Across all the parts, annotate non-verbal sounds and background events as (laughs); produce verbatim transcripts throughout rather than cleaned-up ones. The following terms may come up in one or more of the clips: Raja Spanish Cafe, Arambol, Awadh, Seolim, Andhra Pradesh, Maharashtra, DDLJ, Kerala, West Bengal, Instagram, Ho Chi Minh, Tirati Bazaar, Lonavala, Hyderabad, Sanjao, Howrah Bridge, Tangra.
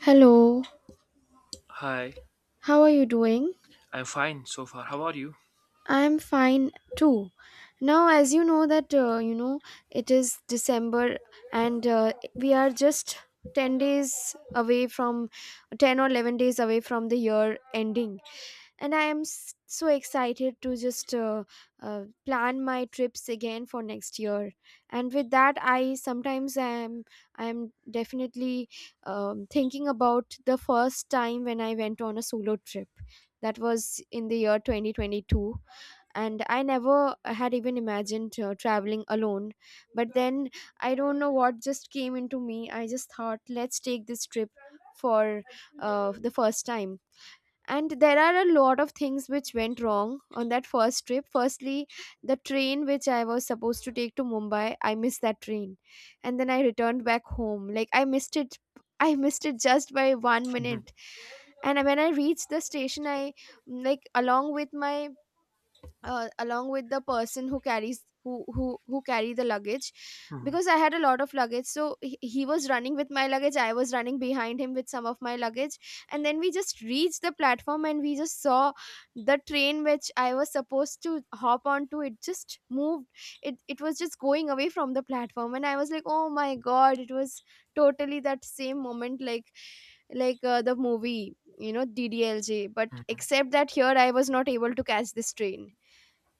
Hello, Hi, how are you doing? I'm fine so far. How are you? I'm fine too. Now, as you know that uh, you know it is December, and uh, we are just ten days away from ten or eleven days away from the year ending. And i am s- so excited to just uh, uh, plan my trips again for next year. And with that I sometimes am I am definitely um, thinking about the first time when I went on a solo trip. That was in the year twenty twenty-two, and I never had even imagined uh, traveling alone. But then I don't know what just came into me. I just thought let's take this trip for uh, the first time. And there are a lot of things which went wrong on that first trip. Firstly, the train which I was supposed to take to Mumbai, I missed that train. And then I returned back home, like I missed it. I missed it just by one minute. (laughs) And when I reached the station, I, like, along with my, uh, along with the person who carries who who who carry the luggage, Mhm, mhm, because I had a lot of luggage. So he, he was running with my luggage, I was running behind him with some of my luggage. And then we just reached the platform, and we just saw the train which I was supposed to hop onto, it just moved. It it was just going away from the platform, and I was like, oh my god, it was totally that same moment, like like uh, the movie, you know, DDLJ, but mhm, except that here I was not able to catch this train.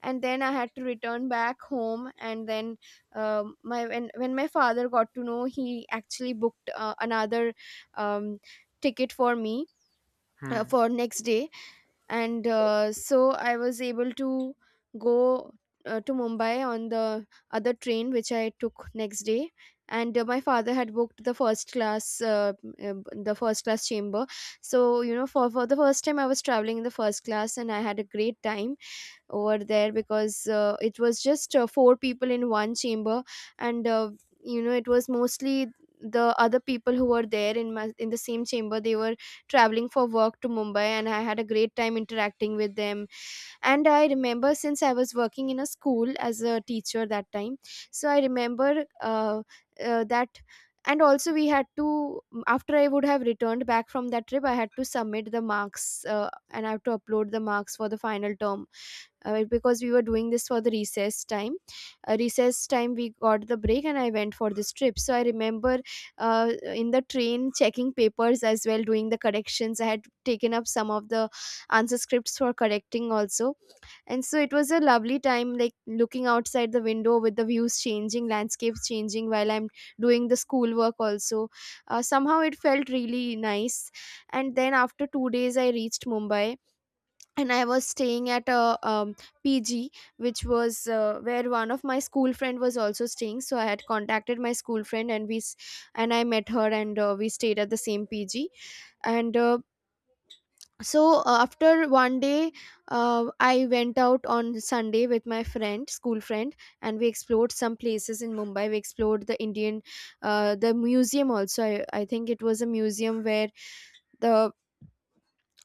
And then I had to return back home. And then um, my when when my father got to know, he actually booked uh, another um, ticket for me uh, mhm. for next day. And uh, so I was able to go uh, to Mumbai on the other train which I took next day. And uh, my father had booked the first class uh, uh, the first class chamber. So you know, for for the first time I was traveling in the first class, and I had a great time over there, because uh, it was just uh, four people in one chamber. And uh, you know, it was mostly the other people who were there in my in the same chamber, they were traveling for work to Mumbai, and I had a great time interacting with them. And I remember, since I was working in a school as a teacher that time, so I remember uh, uh, that. And also we had to mm, after I would have returned back from that trip, I had to submit the marks, uh, and I have to upload the marks for the final term, uh, because we were doing this for the recess time. Uh, recess time we got the break and I went for this trip. So I remember uh, in the train checking papers as well, doing the corrections. I had taken up some of the answer scripts for correcting also. And so it was a lovely time, like looking outside the window with the views changing, landscapes changing while I'm doing the schoolwork also. Uh, somehow it felt really nice. And then after two days, I reached Mumbai, and I was staying at a um, P G, which was, uh, where one of my school friend was also staying. So I had contacted my school friend, and we s- and I met her, and uh, we stayed at the same P G. And uh, so uh, after one day uh, I went out on Sunday with my friend, school friend, and we explored some places in Mumbai. We explored the Indian, uh, the museum also. I, I think it was a museum where the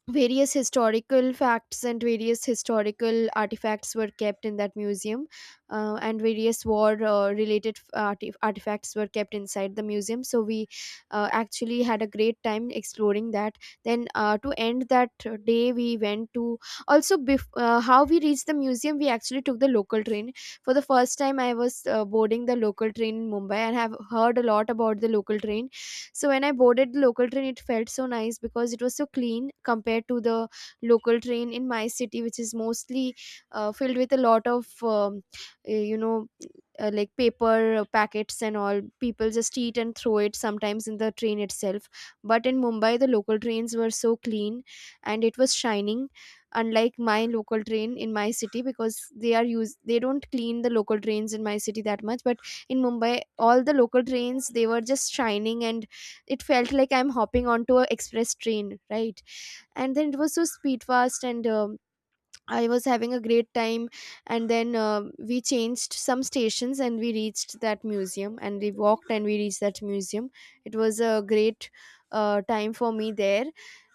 various historical facts and various historical artifacts were kept in that museum. Uh, and various war uh, related artif- artifacts were kept inside the museum, so we uh, actually had a great time exploring that. Then uh, to end that day, we went to, also bef- uh, how we reached the museum, we actually took the local train. For the first time I was uh, boarding the local train in Mumbai, and have heard a lot about the local train. So when I boarded the local train, it felt so nice because it was so clean compared to the local train in my city, which is mostly uh, filled with a lot of, um, eh, you know, uh, like paper packets and all. People just eat and throw it sometimes in the train itself. But in Mumbai, the local trains were so clean and it was shining, unlike my local train in my city, because they are use they don't clean the local trains in my city that much. But in Mumbai, all the local trains, they were just shining, and it felt like I'm hopping onto a express train, right? And then it was so speed fast, and um, I was having a great time. And then um we changed some stations, and we reached that museum, and we walked, and we reached that museum. It was a great uh, time for me there.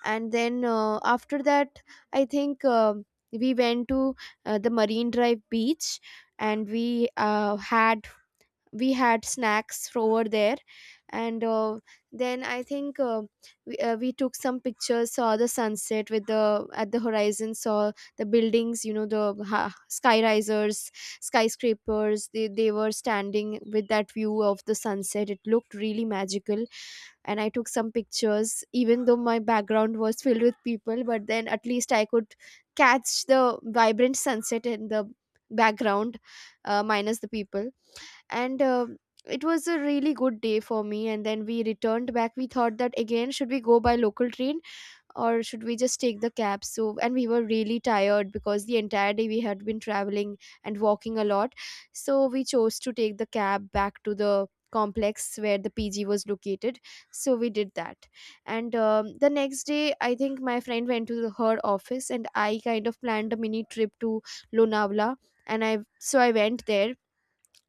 And then uh, after that, I think um we went to uh, the Marine Drive beach. And we uh, had we had snacks over there. And uh, then I think, uh, we, uh, we took some pictures, saw the sunset with the at the horizon, saw the buildings, you know, the ha, sky risers, skyscrapers. They, they were standing with that view of the sunset, it looked really magical. And I took some pictures, even though my background was filled with people, but then at least I could catch the vibrant sunset in the background, uh, minus the people. And uh, it was a really good day for me. And then we returned back, we thought that, again, should we go by local train or should we just take the cab? So, and we were really tired because the entire day we had been traveling and walking a lot. So we chose to take the cab back to the complex where the PG was located. So we did that. And um, the next day, I think my friend went to her office, and I kind of planned a mini trip to Lonavala. And i so I went there,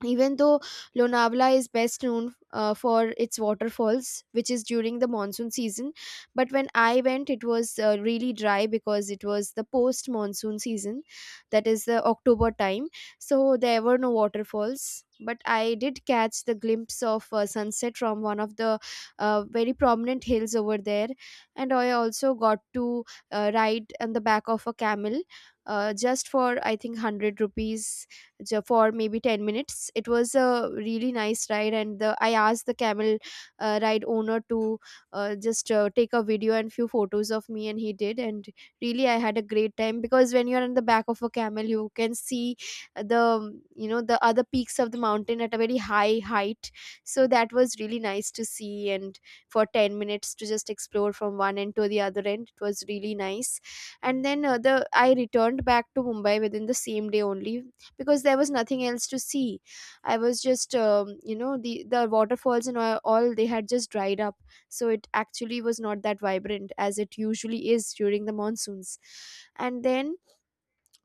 even though Lonavala is best known uh, for its waterfalls, which is during the monsoon season. But when I went, it was uh, really dry because it was the post monsoon season, that is the October time. So there were no waterfalls, but I did catch the glimpse of uh, sunset from one of the uh, very prominent hills over there. And I also got to uh, ride on the back of a camel, uh, just for I think one hundred rupees, ju- for maybe ten minutes. It was a really nice ride. And the, I asked the camel uh, ride owner to uh, just uh, take a video and few photos of me, and he did. And really, I had a great time, because when you're in the back of a camel, you can see the you know, the other peaks of the mountain at a very high height. So that was really nice to see. And for ten minutes to just explore from one end to the other end, it was really nice. And then uh, the I returned back to Mumbai within the same day only, because there was nothing else to see. I was just um, you know, the the waterfalls and all, all they had just dried up. So it actually was not that vibrant as it usually is during the monsoons. And then,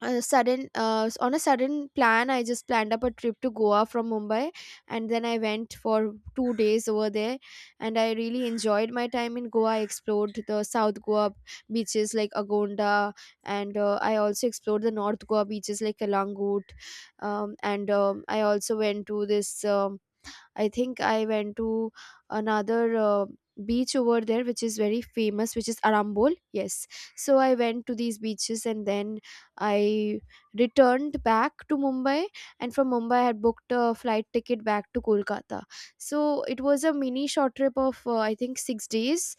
a sudden uh, s- on a sudden plan, I just planned up a trip to Goa from Mumbai. And then I went for two days over there, and I really enjoyed my time in Goa. I explored the South Goa beaches like Agonda, and uh, I also explored the North Goa beaches like Kalangut. Um, and um, I also went to this um, I think I went to another uh, beach over there which is very famous, which is Arambol. Yes. So I went to these beaches, and then I returned back to Mumbai, and from Mumbai I had booked a flight ticket back to Kolkata. So it was a mini short trip of uh, I think six days.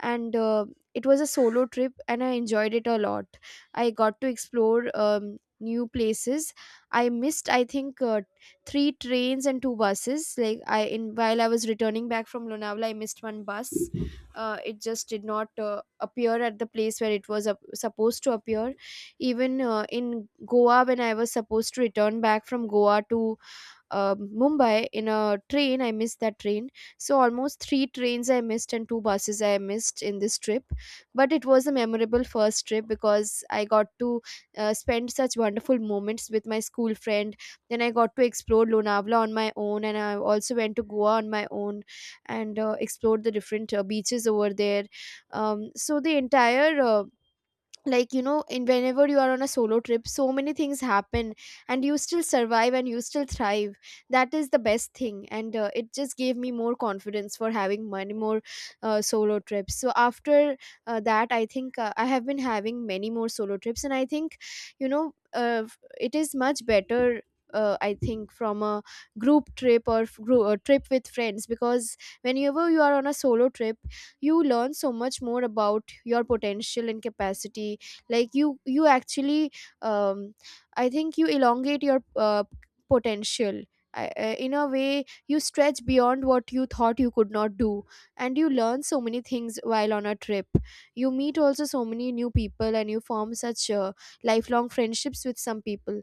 And uh, it was a solo trip, and I enjoyed it a lot. I got to explore um, new places. I missed, I think, uh, three trains and two buses. Like I in while I was returning back from Lonavala, I missed one bus. Uh, it just did not uh, appear at the place where it was up supposed to appear. Even uh, in Goa, when I was supposed to return back from Goa to uh, Mumbai in a train, I missed that train. So almost three trains I missed and two buses I missed in this trip. But it was a memorable first trip because I got to uh, spend such wonderful moments with my school friend. Then I got to explore Lonavala on my own, and I also went to Goa on my own and uh, explored the different uh, beaches over there. Um, so the entire uh, like you know in whenever you are on a solo trip, so many things happen, and you still survive and you still thrive. That is the best thing, and uh, it just gave me more confidence for having many more uh, solo trips. So after uh, that, I think uh, I have been having many more solo trips, and I think you know uh, it is much better, uh, I think, from a group trip or f- group, a trip with friends, because whenever you are on a solo trip, you learn so much more about your potential and capacity, like you you actually, um, I think you elongate your uh, potential. I- uh, in a way, you stretch beyond what you thought you could not do, and you learn so many things while on a trip. You meet also so many new people, and you form such uh, lifelong friendships with some people.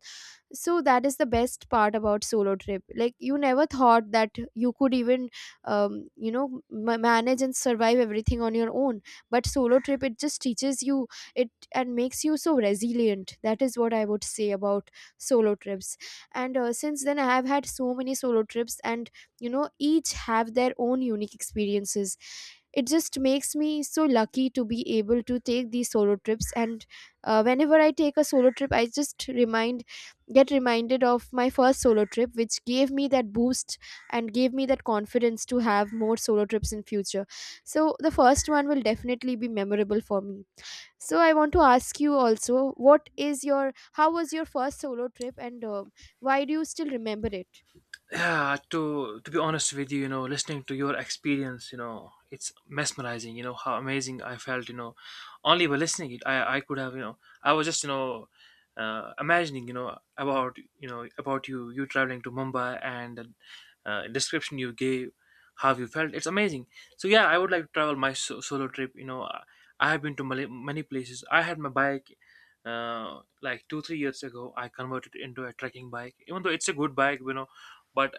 So that is the best part about solo trip, like you never thought that you could even um, you know ma manage and survive everything on your own. But solo trip, it just teaches you it and makes you so resilient. That is what I would say about solo trips. And uh, since then, I have had so many solo trips, and you know each have their own unique experiences. It just makes me so lucky to be able to take these solo trips. And uh, whenever I take a solo trip, I just remind get reminded of my first solo trip, which gave me that boost and gave me that confidence to have more solo trips in future. So the first one will definitely be memorable for me. So I want to ask you also, what is your, how was your first solo trip, and uh, why do you still remember it? yeah to to be honest with you, you know listening to your experience, you know it's mesmerizing. You know how amazing I felt you know Only by listening it, i i could have, you know I was just you know uh, imagining, you know about, you know about you you traveling to Mumbai, and the uh, description you gave, how you felt, it's amazing. So yeah, I would like to travel my so- solo trip you know i I have been to many, many places. I had my bike. Uh, like two three years ago, I converted it into a trekking bike, even though it's a good bike you know but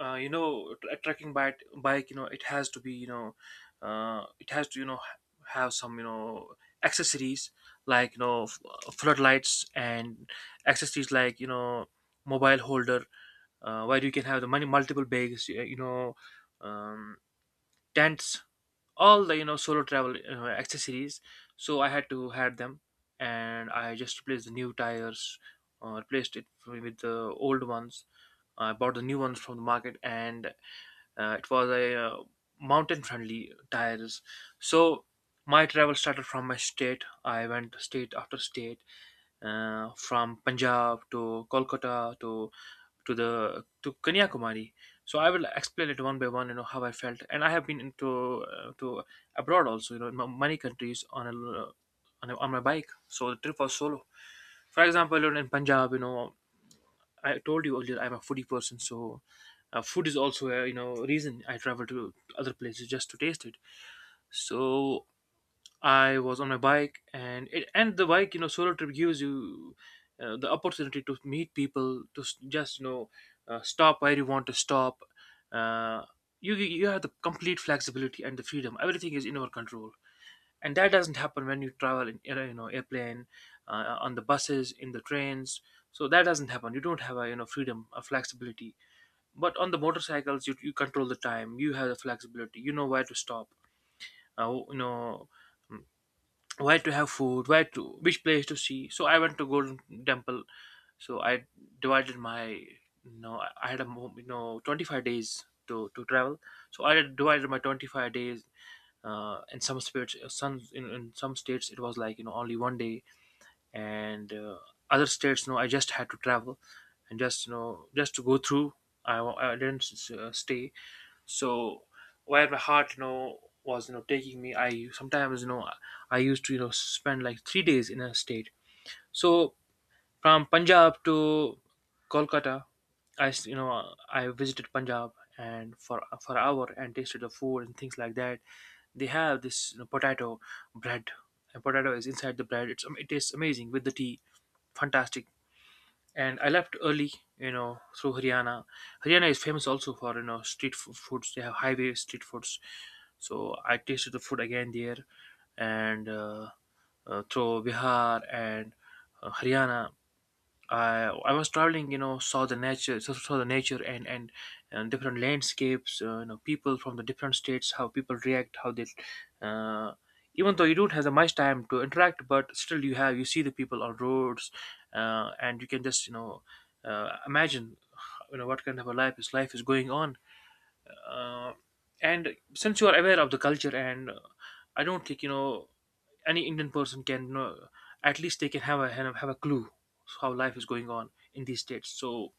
uh, you know tr- a trekking bike bike, you know it has to be you know uh, It has to, you know ha- have some, you know accessories like, you know f- uh, floodlights, and accessories like, you know mobile holder, uh, where you can have the money, multiple bags, y- you know um, tents, all the, you know solo travel, you know, accessories. So I had to had them, and I just replaced the new tires, uh, replaced it with the old ones. I bought the new ones from the market, and uh, it was a, uh, mountain-friendly tires. So my travel started from my state. I went state after state, uh, from Punjab to Kolkata, to to the to Kanyakumari. So I will explain it one by one. You know how I felt, and I have been into, uh, to abroad also. You know, in m- many countries, on a, l- on a on my bike. So the trip was solo. For example, you know, in Punjab, you know, I told you earlier I'm a foodie person. So uh, food is also a, you know reason I travel to other places just to taste it. So I was on my bike, and it, and the bike, you know solo trip gives you uh, the opportunity to meet people, to s- just, you know uh, stop where you want to stop. Uh, you you you have the complete flexibility and the freedom. Everything is in our control, and that doesn't happen when you travel in air- you know airplane, uh, on the buses, in the trains. So that doesn't happen. You don't have a, you know freedom, a flexibility. But on the motorcycles, you, you control the time. You have the flexibility, you know where to stop, uh, you know mm, where to have food, where to, which place to see. So I went to Golden Temple. So I divided my, you know i I had a mo- you know twenty-five days to to travel. So I divided my twenty-five days, uh, in some states, some in, in some states it was like, you know only one day. And uh, other states, no, I just had to travel, and just you know just to go through. I, I didn't uh, stay. So where my heart, you know was, you know taking me, I sometimes, you know i used to, you know spend like three days in a state. So from Punjab to Kolkata, I s- you know I visited Punjab, and for for an hour and tasted the food and things like that. They have this, you know, potato bread, and potato is inside the bread. It's am- it tastes amazing with the tea. Fantastic. And I left early, you know through Haryana. Haryana is famous also for, you know street f- foods. They have highway street foods. So I tasted the food again there, and uh, uh, through Bihar and uh, Haryana, uh, I was traveling, you know, saw the nature, saw saw the nature, and and, and different landscapes. Uh, you know, people from the different states, how people react, how they. Uh, Even though you don't have that much time to interact, but still you have you see the people on roads, uh, and you can just, you know uh, imagine, you know what kind of a life is life is going on. Uh, and since you are aware of the culture, and uh, I don't think, you know any Indian person can, you know at least they can have a have a clue how life is going on in these states. So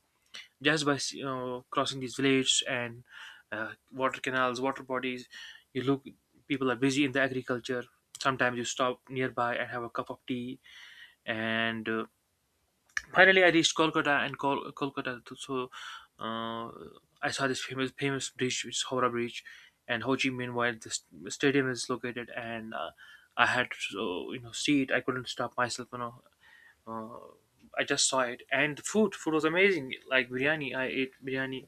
just by, you know crossing these villages and uh, water canals, water bodies, you look, people are busy in the agriculture. Sometimes you stop nearby and have a cup of tea. And uh, finally, I reached Kolkata, and Kol- Kolkata. So uh, I saw this famous famous bridge, which is Howrah Bridge, and Ho Chi Minh, while this stadium is located. And uh, I had to uh, you know see it. I couldn't stop myself, you know. uh, I just saw it, and the food food was amazing. Like biryani, I ate biryani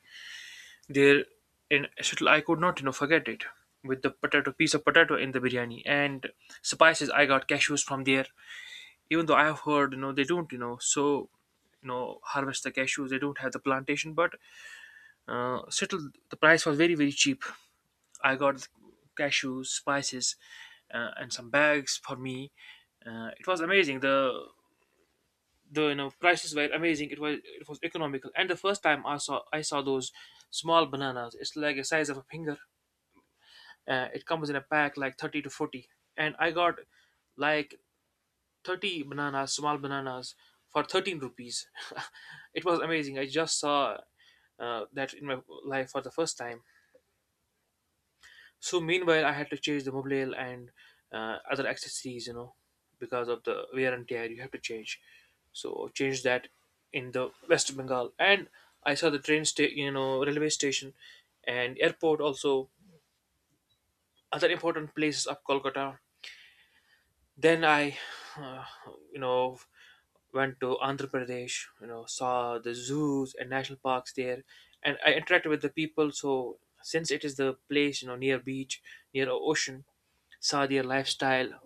there in Shuttle. I could not, you know forget it, with the potato, piece of potato in the biryani and spices. I got cashews from there, even though I have heard, you know, they don't, you know, so you know, harvest the cashews. They don't have the plantation, but uh, settle, the price was very very cheap. I got cashews, spices, uh, and some bags for me. Uh, it was amazing. The the, you know prices were amazing. It was it was economical. And the first time I saw I saw those small bananas. It's like a size of a finger. Uh, it comes in a pack like thirty to forty. And I got like thirty bananas, small bananas, for thirteen rupees. (laughs) It was amazing. I just saw, uh, that in my life for the first time. So meanwhile, I had to change the mobile and uh, other accessories, you know, because of the wear and tear. You have to change. So change that in the West Bengal, and I saw the train station, you know, railway station, and airport also. Other important places of Kolkata. Then I, uh, you know, went to Andhra Pradesh, you know, saw the zoos and national parks there, and I interacted with the people. So since it is the place, you know, near beach, near o- ocean, saw their lifestyle,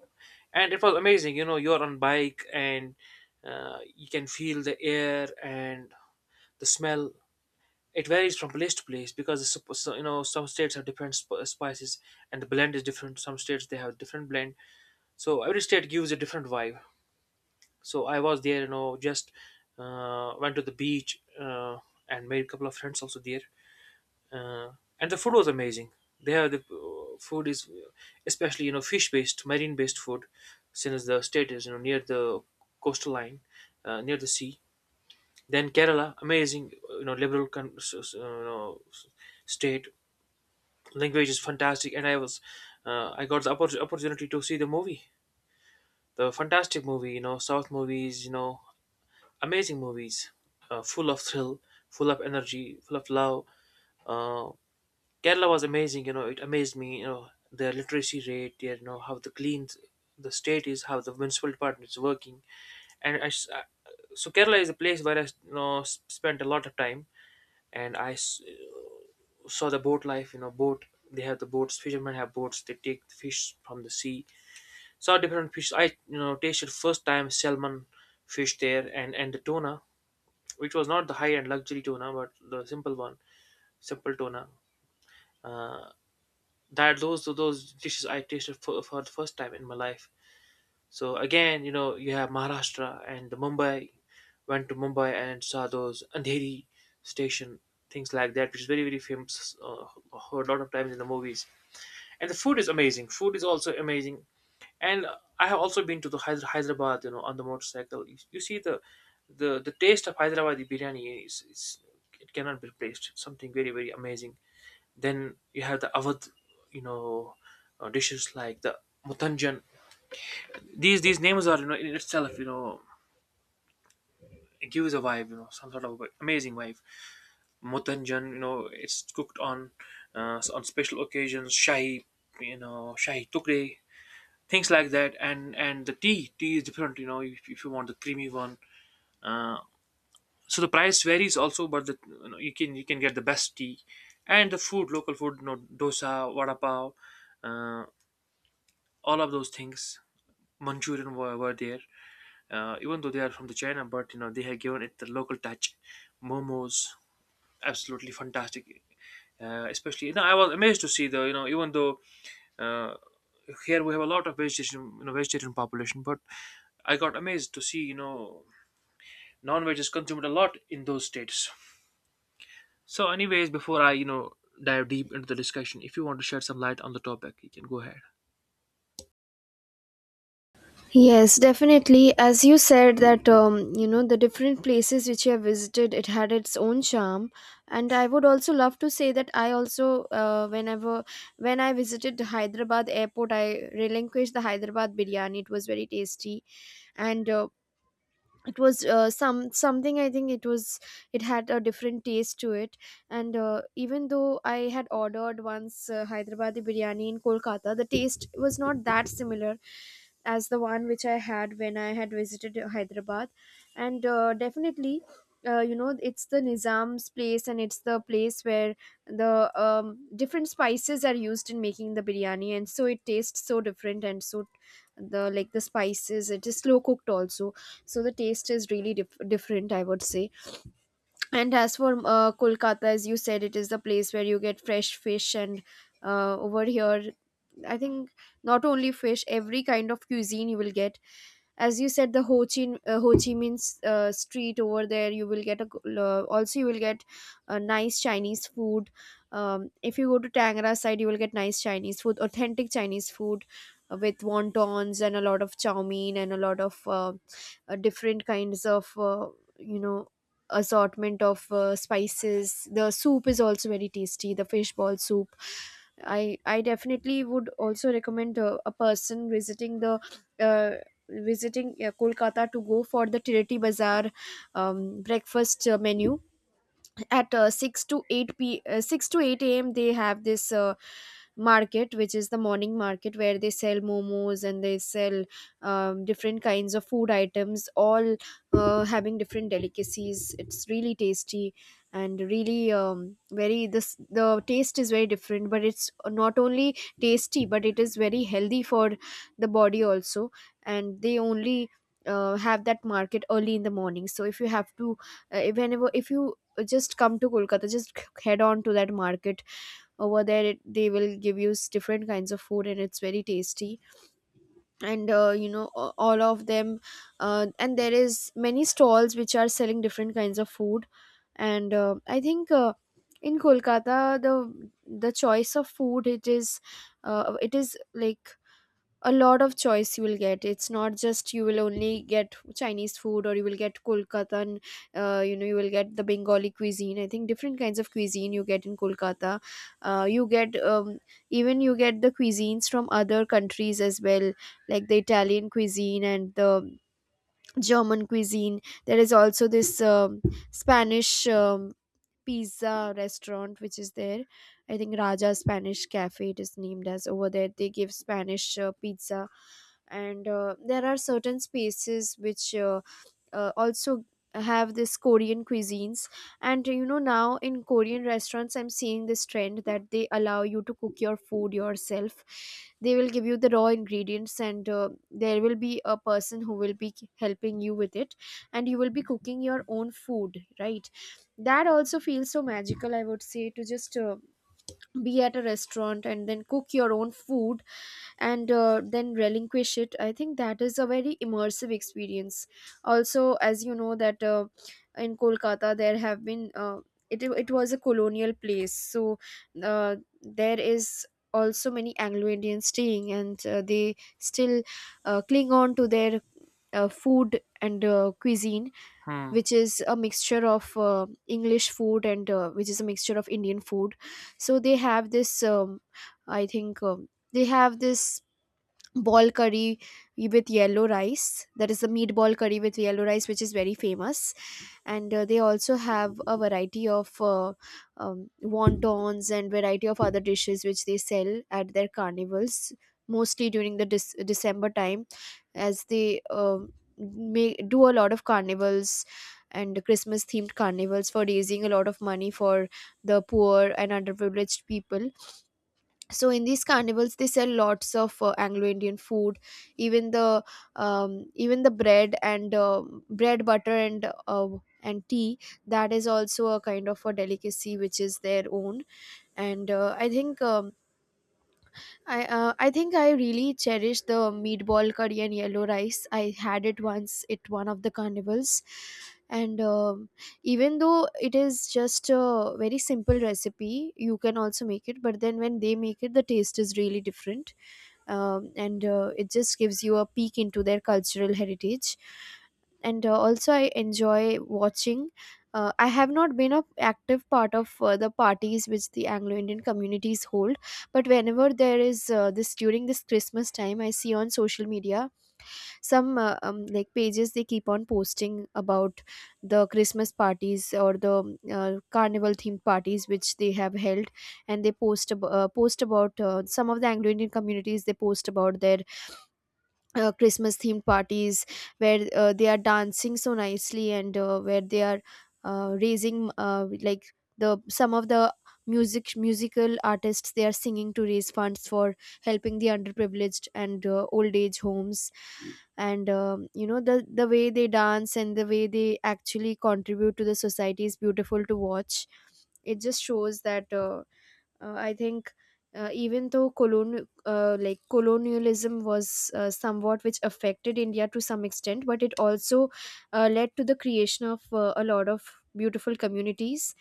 and it was amazing. You know, you're on bike, and uh, you can feel the air and the smell. It varies from place to place, because it's suppo- so, you know, some states have different sp- spices, and the blend is different. Some states they have different blend. So every state gives a different vibe. So I was there, you know, just uh, went to the beach, uh, and made a couple of friends also there. Uh, and the food was amazing. They have the, uh, food is especially, you know fish based, marine based food, since the state is, you know near the coastal line, uh, near the sea. Then Kerala, amazing, you know, liberal con- s- s- you know, s- state. Language is fantastic, and I was, uh, I got the oppor- opportunity to see the movie, the fantastic movie. You know, South movies, you know, amazing movies, uh, full of thrill, full of energy, full of love. Uh, Kerala was amazing. You know, it amazed me. You know, their literacy rate, their, you know, how the clean the state is, how the municipal department is working, and I, s- so Kerala is a place where I, you know s- spent a lot of time, and I s- saw the boat life, you know boat. They have the boats, fishermen have boats, they take the fish from the sea, saw different fish. I you know tasted first time salmon fish there, and and the tuna, which was not the high end luxury tuna, but the simple one, simple tuna. uh, that, those those dishes I tasted for, for the first time in my life. So again, you know, you have Maharashtra and the Mumbai. Went to Mumbai and saw those Andheri station, things like that, which is very very famous, uh, heard a lot of times in the movies. And the food is amazing, food is also amazing. And I have also been to the Hyder- Hyderabad, you know on the motorcycle. You, you see the, the the taste of Hyderabadi biryani is, is, it cannot be replaced, something very very amazing. Then you have the Awadh, you know uh, dishes like the mutanjan. These these names are, you know in itself, you know it gives a vibe, you know some sort of amazing vibe. Mutanjan, you know it's cooked on uh, on special occasions. Shahi, you know shahi tukre, things like that. And and the tea tea is different. You know if, if you want the creamy one, uh, so the price varies also. But the, you, know, you can you can get the best tea. And the food, local food, you know dosa, vada pav, uh, all of those things. Manchurian were, were there, uh, even though they are from the China, but, you know they have given it the local touch. Momos, absolutely fantastic. Uh, especially, you know I was amazed to see, though you know even though, Uh, here we have a lot of vegetation, you know, vegetarian population. But I got amazed to see, you know, non-veg is consumed a lot in those states. So, anyways, before I, you know, dive deep into the discussion, if you want to shed some light on the topic, you can go ahead. Yes, definitely. As you said that um, you know the different places which you have visited, it had its own charm. And I would also love to say that I also, uh, whenever when I visited Hyderabad airport, I relinquished the Hyderabad biryani. It was very tasty, and uh, it was, uh, some something I think it was, it had a different taste to it. And uh, even though I had ordered once uh, Hyderabadi biryani in Kolkata, the taste was not that similar as the one which I had when I had visited Hyderabad. And uh, definitely, uh, you know, it's the Nizam's place, and it's the place where the um, different spices are used in making the biryani, and so it tastes so different. And so the, like, the spices, it is slow cooked also, so the taste is really dif- different, I would say. And as for uh, Kolkata, as you said, it is the place where you get fresh fish. And uh, over here, I think not only fish, every kind of cuisine you will get. As you said, the Ho Chi uh, Ho Chi Minh uh, street over there, you will get a g- uh, also you will get a nice Chinese food. Um, if you go to Tangra side, you will get nice Chinese food, authentic Chinese food uh, with wontons and a lot of chow mein and a lot of uh, uh, different kinds of, uh, you know, assortment of uh, spices. The soup is also very tasty, the fish ball soup. I I definitely would also recommend uh, a person visiting the, uh, visiting uh, Kolkata to go for the Tirati Bazaar um, breakfast uh, menu at uh, six to eight p uh, six to eight a.m. They have this uh, market which is the morning market, where they sell momos and they sell um, different kinds of food items, all uh, having different delicacies. It's really tasty and really um, very this the taste is very different, but it's not only tasty, but it is very healthy for the body also. And they only uh, have that market early in the morning. So if you have to, uh, whenever, if you just come to Kolkata, just head on to that market. Over there, it, they will give you s- different kinds of food, and it's very tasty. And uh, you know, a- all of them, uh, and there is many stalls which are selling different kinds of food. And uh, I think uh, in Kolkata, the the choice of food, it is, uh, it is like a lot of choice you will get. It's not just you will only get Chinese food or you will get Kolkata. And uh, you know you will get the Bengali cuisine. I think different kinds of cuisine you get in Kolkata. Uh, you get, um, even you get the cuisines from other countries as well, like the Italian cuisine and the German cuisine. There is also this um, Spanish um, pizza restaurant which is there. I think Raja Spanish Cafe it is named as. Over there they give Spanish uh, pizza. And uh, there are certain spaces which uh, uh, also have this Korean cuisines. And you know, now in Korean restaurants, I'm seeing this trend that they allow you to cook your food yourself. They will give you the raw ingredients, and uh, there will be a person who will be helping you with it, and you will be cooking your own food, right? That also feels so magical, I would say, to just uh, be at a restaurant and then cook your own food, and uh, then relinquish it. I think that is a very immersive experience. Also, as you know that uh, in Kolkata, there have been, uh, it, it was a colonial place. So uh, there is also many Anglo Indians staying, and uh, they still uh, cling on to their uh, food and uh, cuisine, Hmm. which is a mixture of uh, English food and uh, which is a mixture of Indian food. So they have this, um, I think, um, they have this ball curry with yellow rice, that is the meatball curry with yellow rice, which is very famous. And uh, they also have a variety of uh, um, wontons and variety of other dishes which they sell at their carnivals, mostly during the dis- December time, as they um may do a lot of carnivals and Christmas themed carnivals for raising a lot of money for the poor and underprivileged people. So in these carnivals, they sell lots of uh, Anglo-Indian food, even the, um, even the bread and, uh, bread butter and, uh, and tea. That is also a kind of a delicacy which is their own. And uh, I think, um, I uh, I think I really cherish the meatball curry and yellow rice. I had it once at one of the carnivals, and um even though it is just a very simple recipe, you can also make it. But then when they make it, the taste is really different, um, and uh, it just gives you a peek into their cultural heritage. And uh, also I enjoy watching, uh, I have not been a active part of uh, the parties which the Anglo Indian communities hold. But whenever there is, uh, this during this Christmas time, I see on social media some uh, um, like pages, they keep on posting about the Christmas parties or the uh, carnival themed parties which they have held. And they post, ab- uh, post about uh, some of the Anglo Indian communities, they post about their uh, Christmas themed parties, where uh, they are dancing so nicely. And uh, where they are uh, raising, uh, like, the some of the music musical artists, they are singing to raise funds for helping the underprivileged and uh, old age homes. And, um, you know, the the way they dance and the way they actually contribute to the society is beautiful to watch. It just shows that, uh, uh, I think, uh, even though colon uh, like colonialism was uh, somewhat which affected India to some extent, but it also uh, led to the creation of uh, a lot of beautiful communities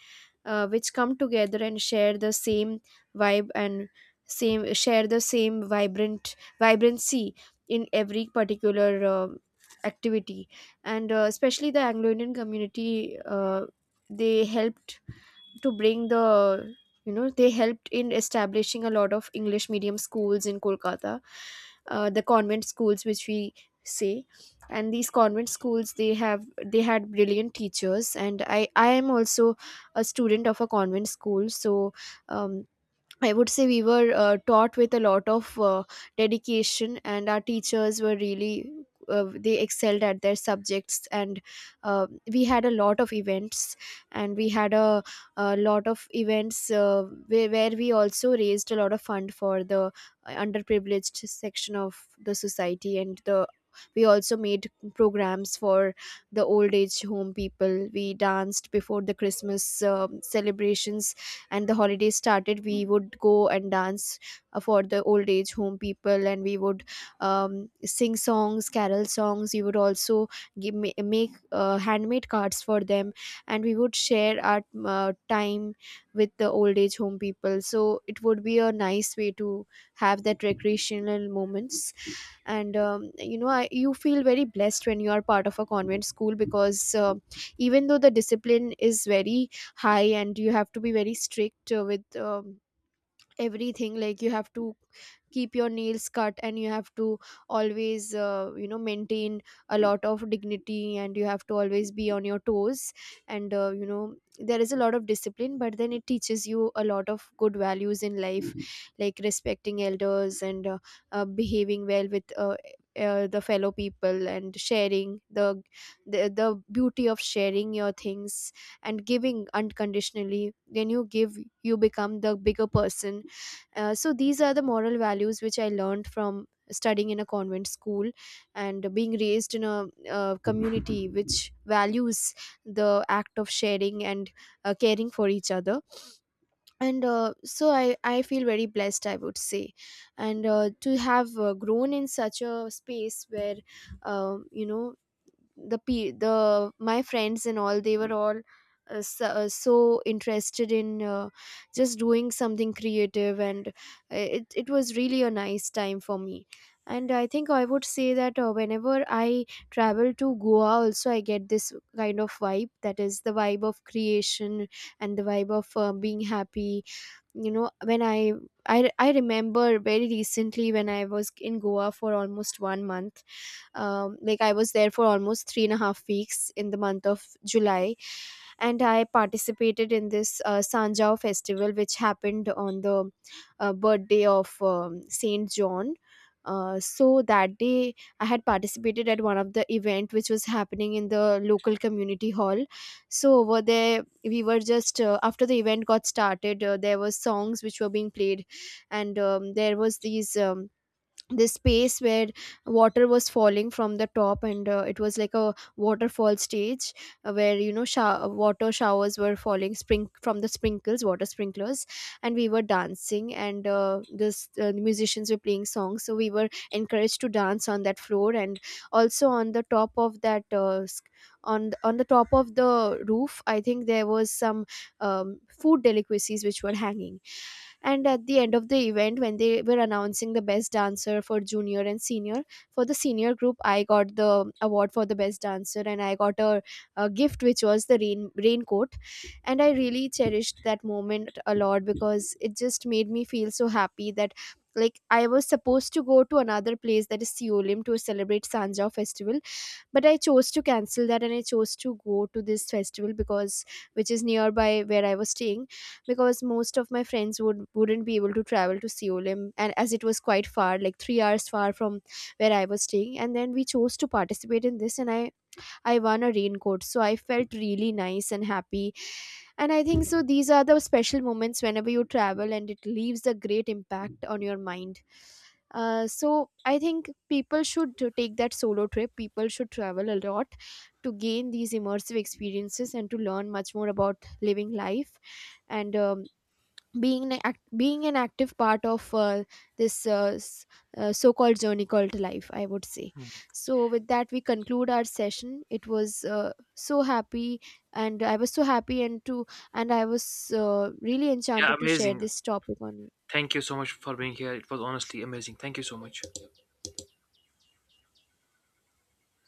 uh, which come together and share the same vibe and same share the same vibrant vibrancy in every particular uh, activity. And uh, especially the Anglo Indian community, uh, they helped to bring the, you know, they helped in establishing a lot of English medium schools in Kolkata, uh, the convent schools which we say. And these convent schools, they have they had brilliant teachers, and i i am also a student of a convent school. So, um, I would say we were uh, taught with a lot of uh, dedication, and our teachers were really uh, they excelled at their subjects. And uh, we had a lot of events, and we had a, a lot of events uh, where, where we also raised a lot of fund for the uh, underprivileged section of the society. And the we also made programs for the old age home people. We danced before the Christmas um celebrations, and the holidays started, we would go and dance uh, for the old age home people, and we would um, sing songs, carol songs. We would also give, ma- make uh, handmade cards for them, and we would share our uh, time with the old age home people, so it would be a nice way to have that recreational moments. And um, you know I, you feel very blessed when you are part of a convent school because, uh, even though the discipline is very high and you have to be very strict uh, with um, everything. Like, you have to keep your nails cut, and you have to always, uh, you know, maintain a lot of dignity, and you have to always be on your toes. And uh, you know, there is a lot of discipline, but then it teaches you a lot of good values in life, like respecting elders and uh, uh, behaving well with uh, eh, uh, the fellow people, and sharing the, the the beauty of sharing your things, and giving unconditionally. When you give, you become the bigger person. Uh, so these are the moral values which I learned from studying in a convent school, and being raised in a, uh community (laughs) which values the act of sharing and uh, caring for each other. And uh, so I, I feel very blessed, I would say, and uh, to have uh, grown in such a space where, um, you know, the pe- the my friends and all, they were all uh, so, uh, so interested in uh, just doing something creative. And uh, it, it was really a nice time for me. And I think I would say that, uh, whenever I travel to Goa also, I get this kind of vibe, that is the vibe of creation and the vibe of uh, being happy. You know when I, I i remember very recently, when I was in Goa for almost one month, um, like I was there for almost three and a half weeks in the month of July. And I participated in this uh, Sanjao festival, which happened on the uh, birthday of um, Saint John. Uh, so that day I had participated at one of the event which was happening in the local community hall. So over there, we were just, uh, after the event got started, uh, there were songs which were being played. And um, there was these um, this space where water was falling from the top, and uh, it was like a waterfall stage uh, where, you know, show- water showers were falling, spring from the sprinkles, water sprinklers. And we were dancing, and uh, this uh, the musicians were playing songs, so we were encouraged to dance on that floor. And also on the top of that uh, s- on th- on the top of the roof, I think there was some um, food delicacies which were hanging. And at the end of the event, when they were announcing the best dancer for junior and senior, for the senior group, I got the award for the best dancer, and I got a, a gift which was the rain raincoat. And I really cherished that moment a lot, because it just made me feel so happy that, like, I was supposed to go to another place, that is Seolim, to celebrate Sanja festival, but I chose to cancel that and I chose to go to this festival because, which is nearby where I was staying, because most of my friends would wouldn't be able to travel to Seolim, and as it was quite far, like three hours far from where I was staying. And then we chose to participate in this, and i i won a raincoat, so I felt really nice and happy. And I think, so these are the special moments whenever you travel, and it leaves a great impact on your mind. Uh, so I think people should to take that solo trip. People should travel a lot to gain these immersive experiences, and to learn much more about living life, and um, being an act- being an active part of uh, this uh, s- uh, so-called journey called life, I would say. Hmm. So with that, we conclude our session. It was uh, so happy, and I was so happy and to and I was uh, really Yeah, enchanted to share amazing. this topic on Thank you so much for being here. It was honestly amazing. Thank you so much.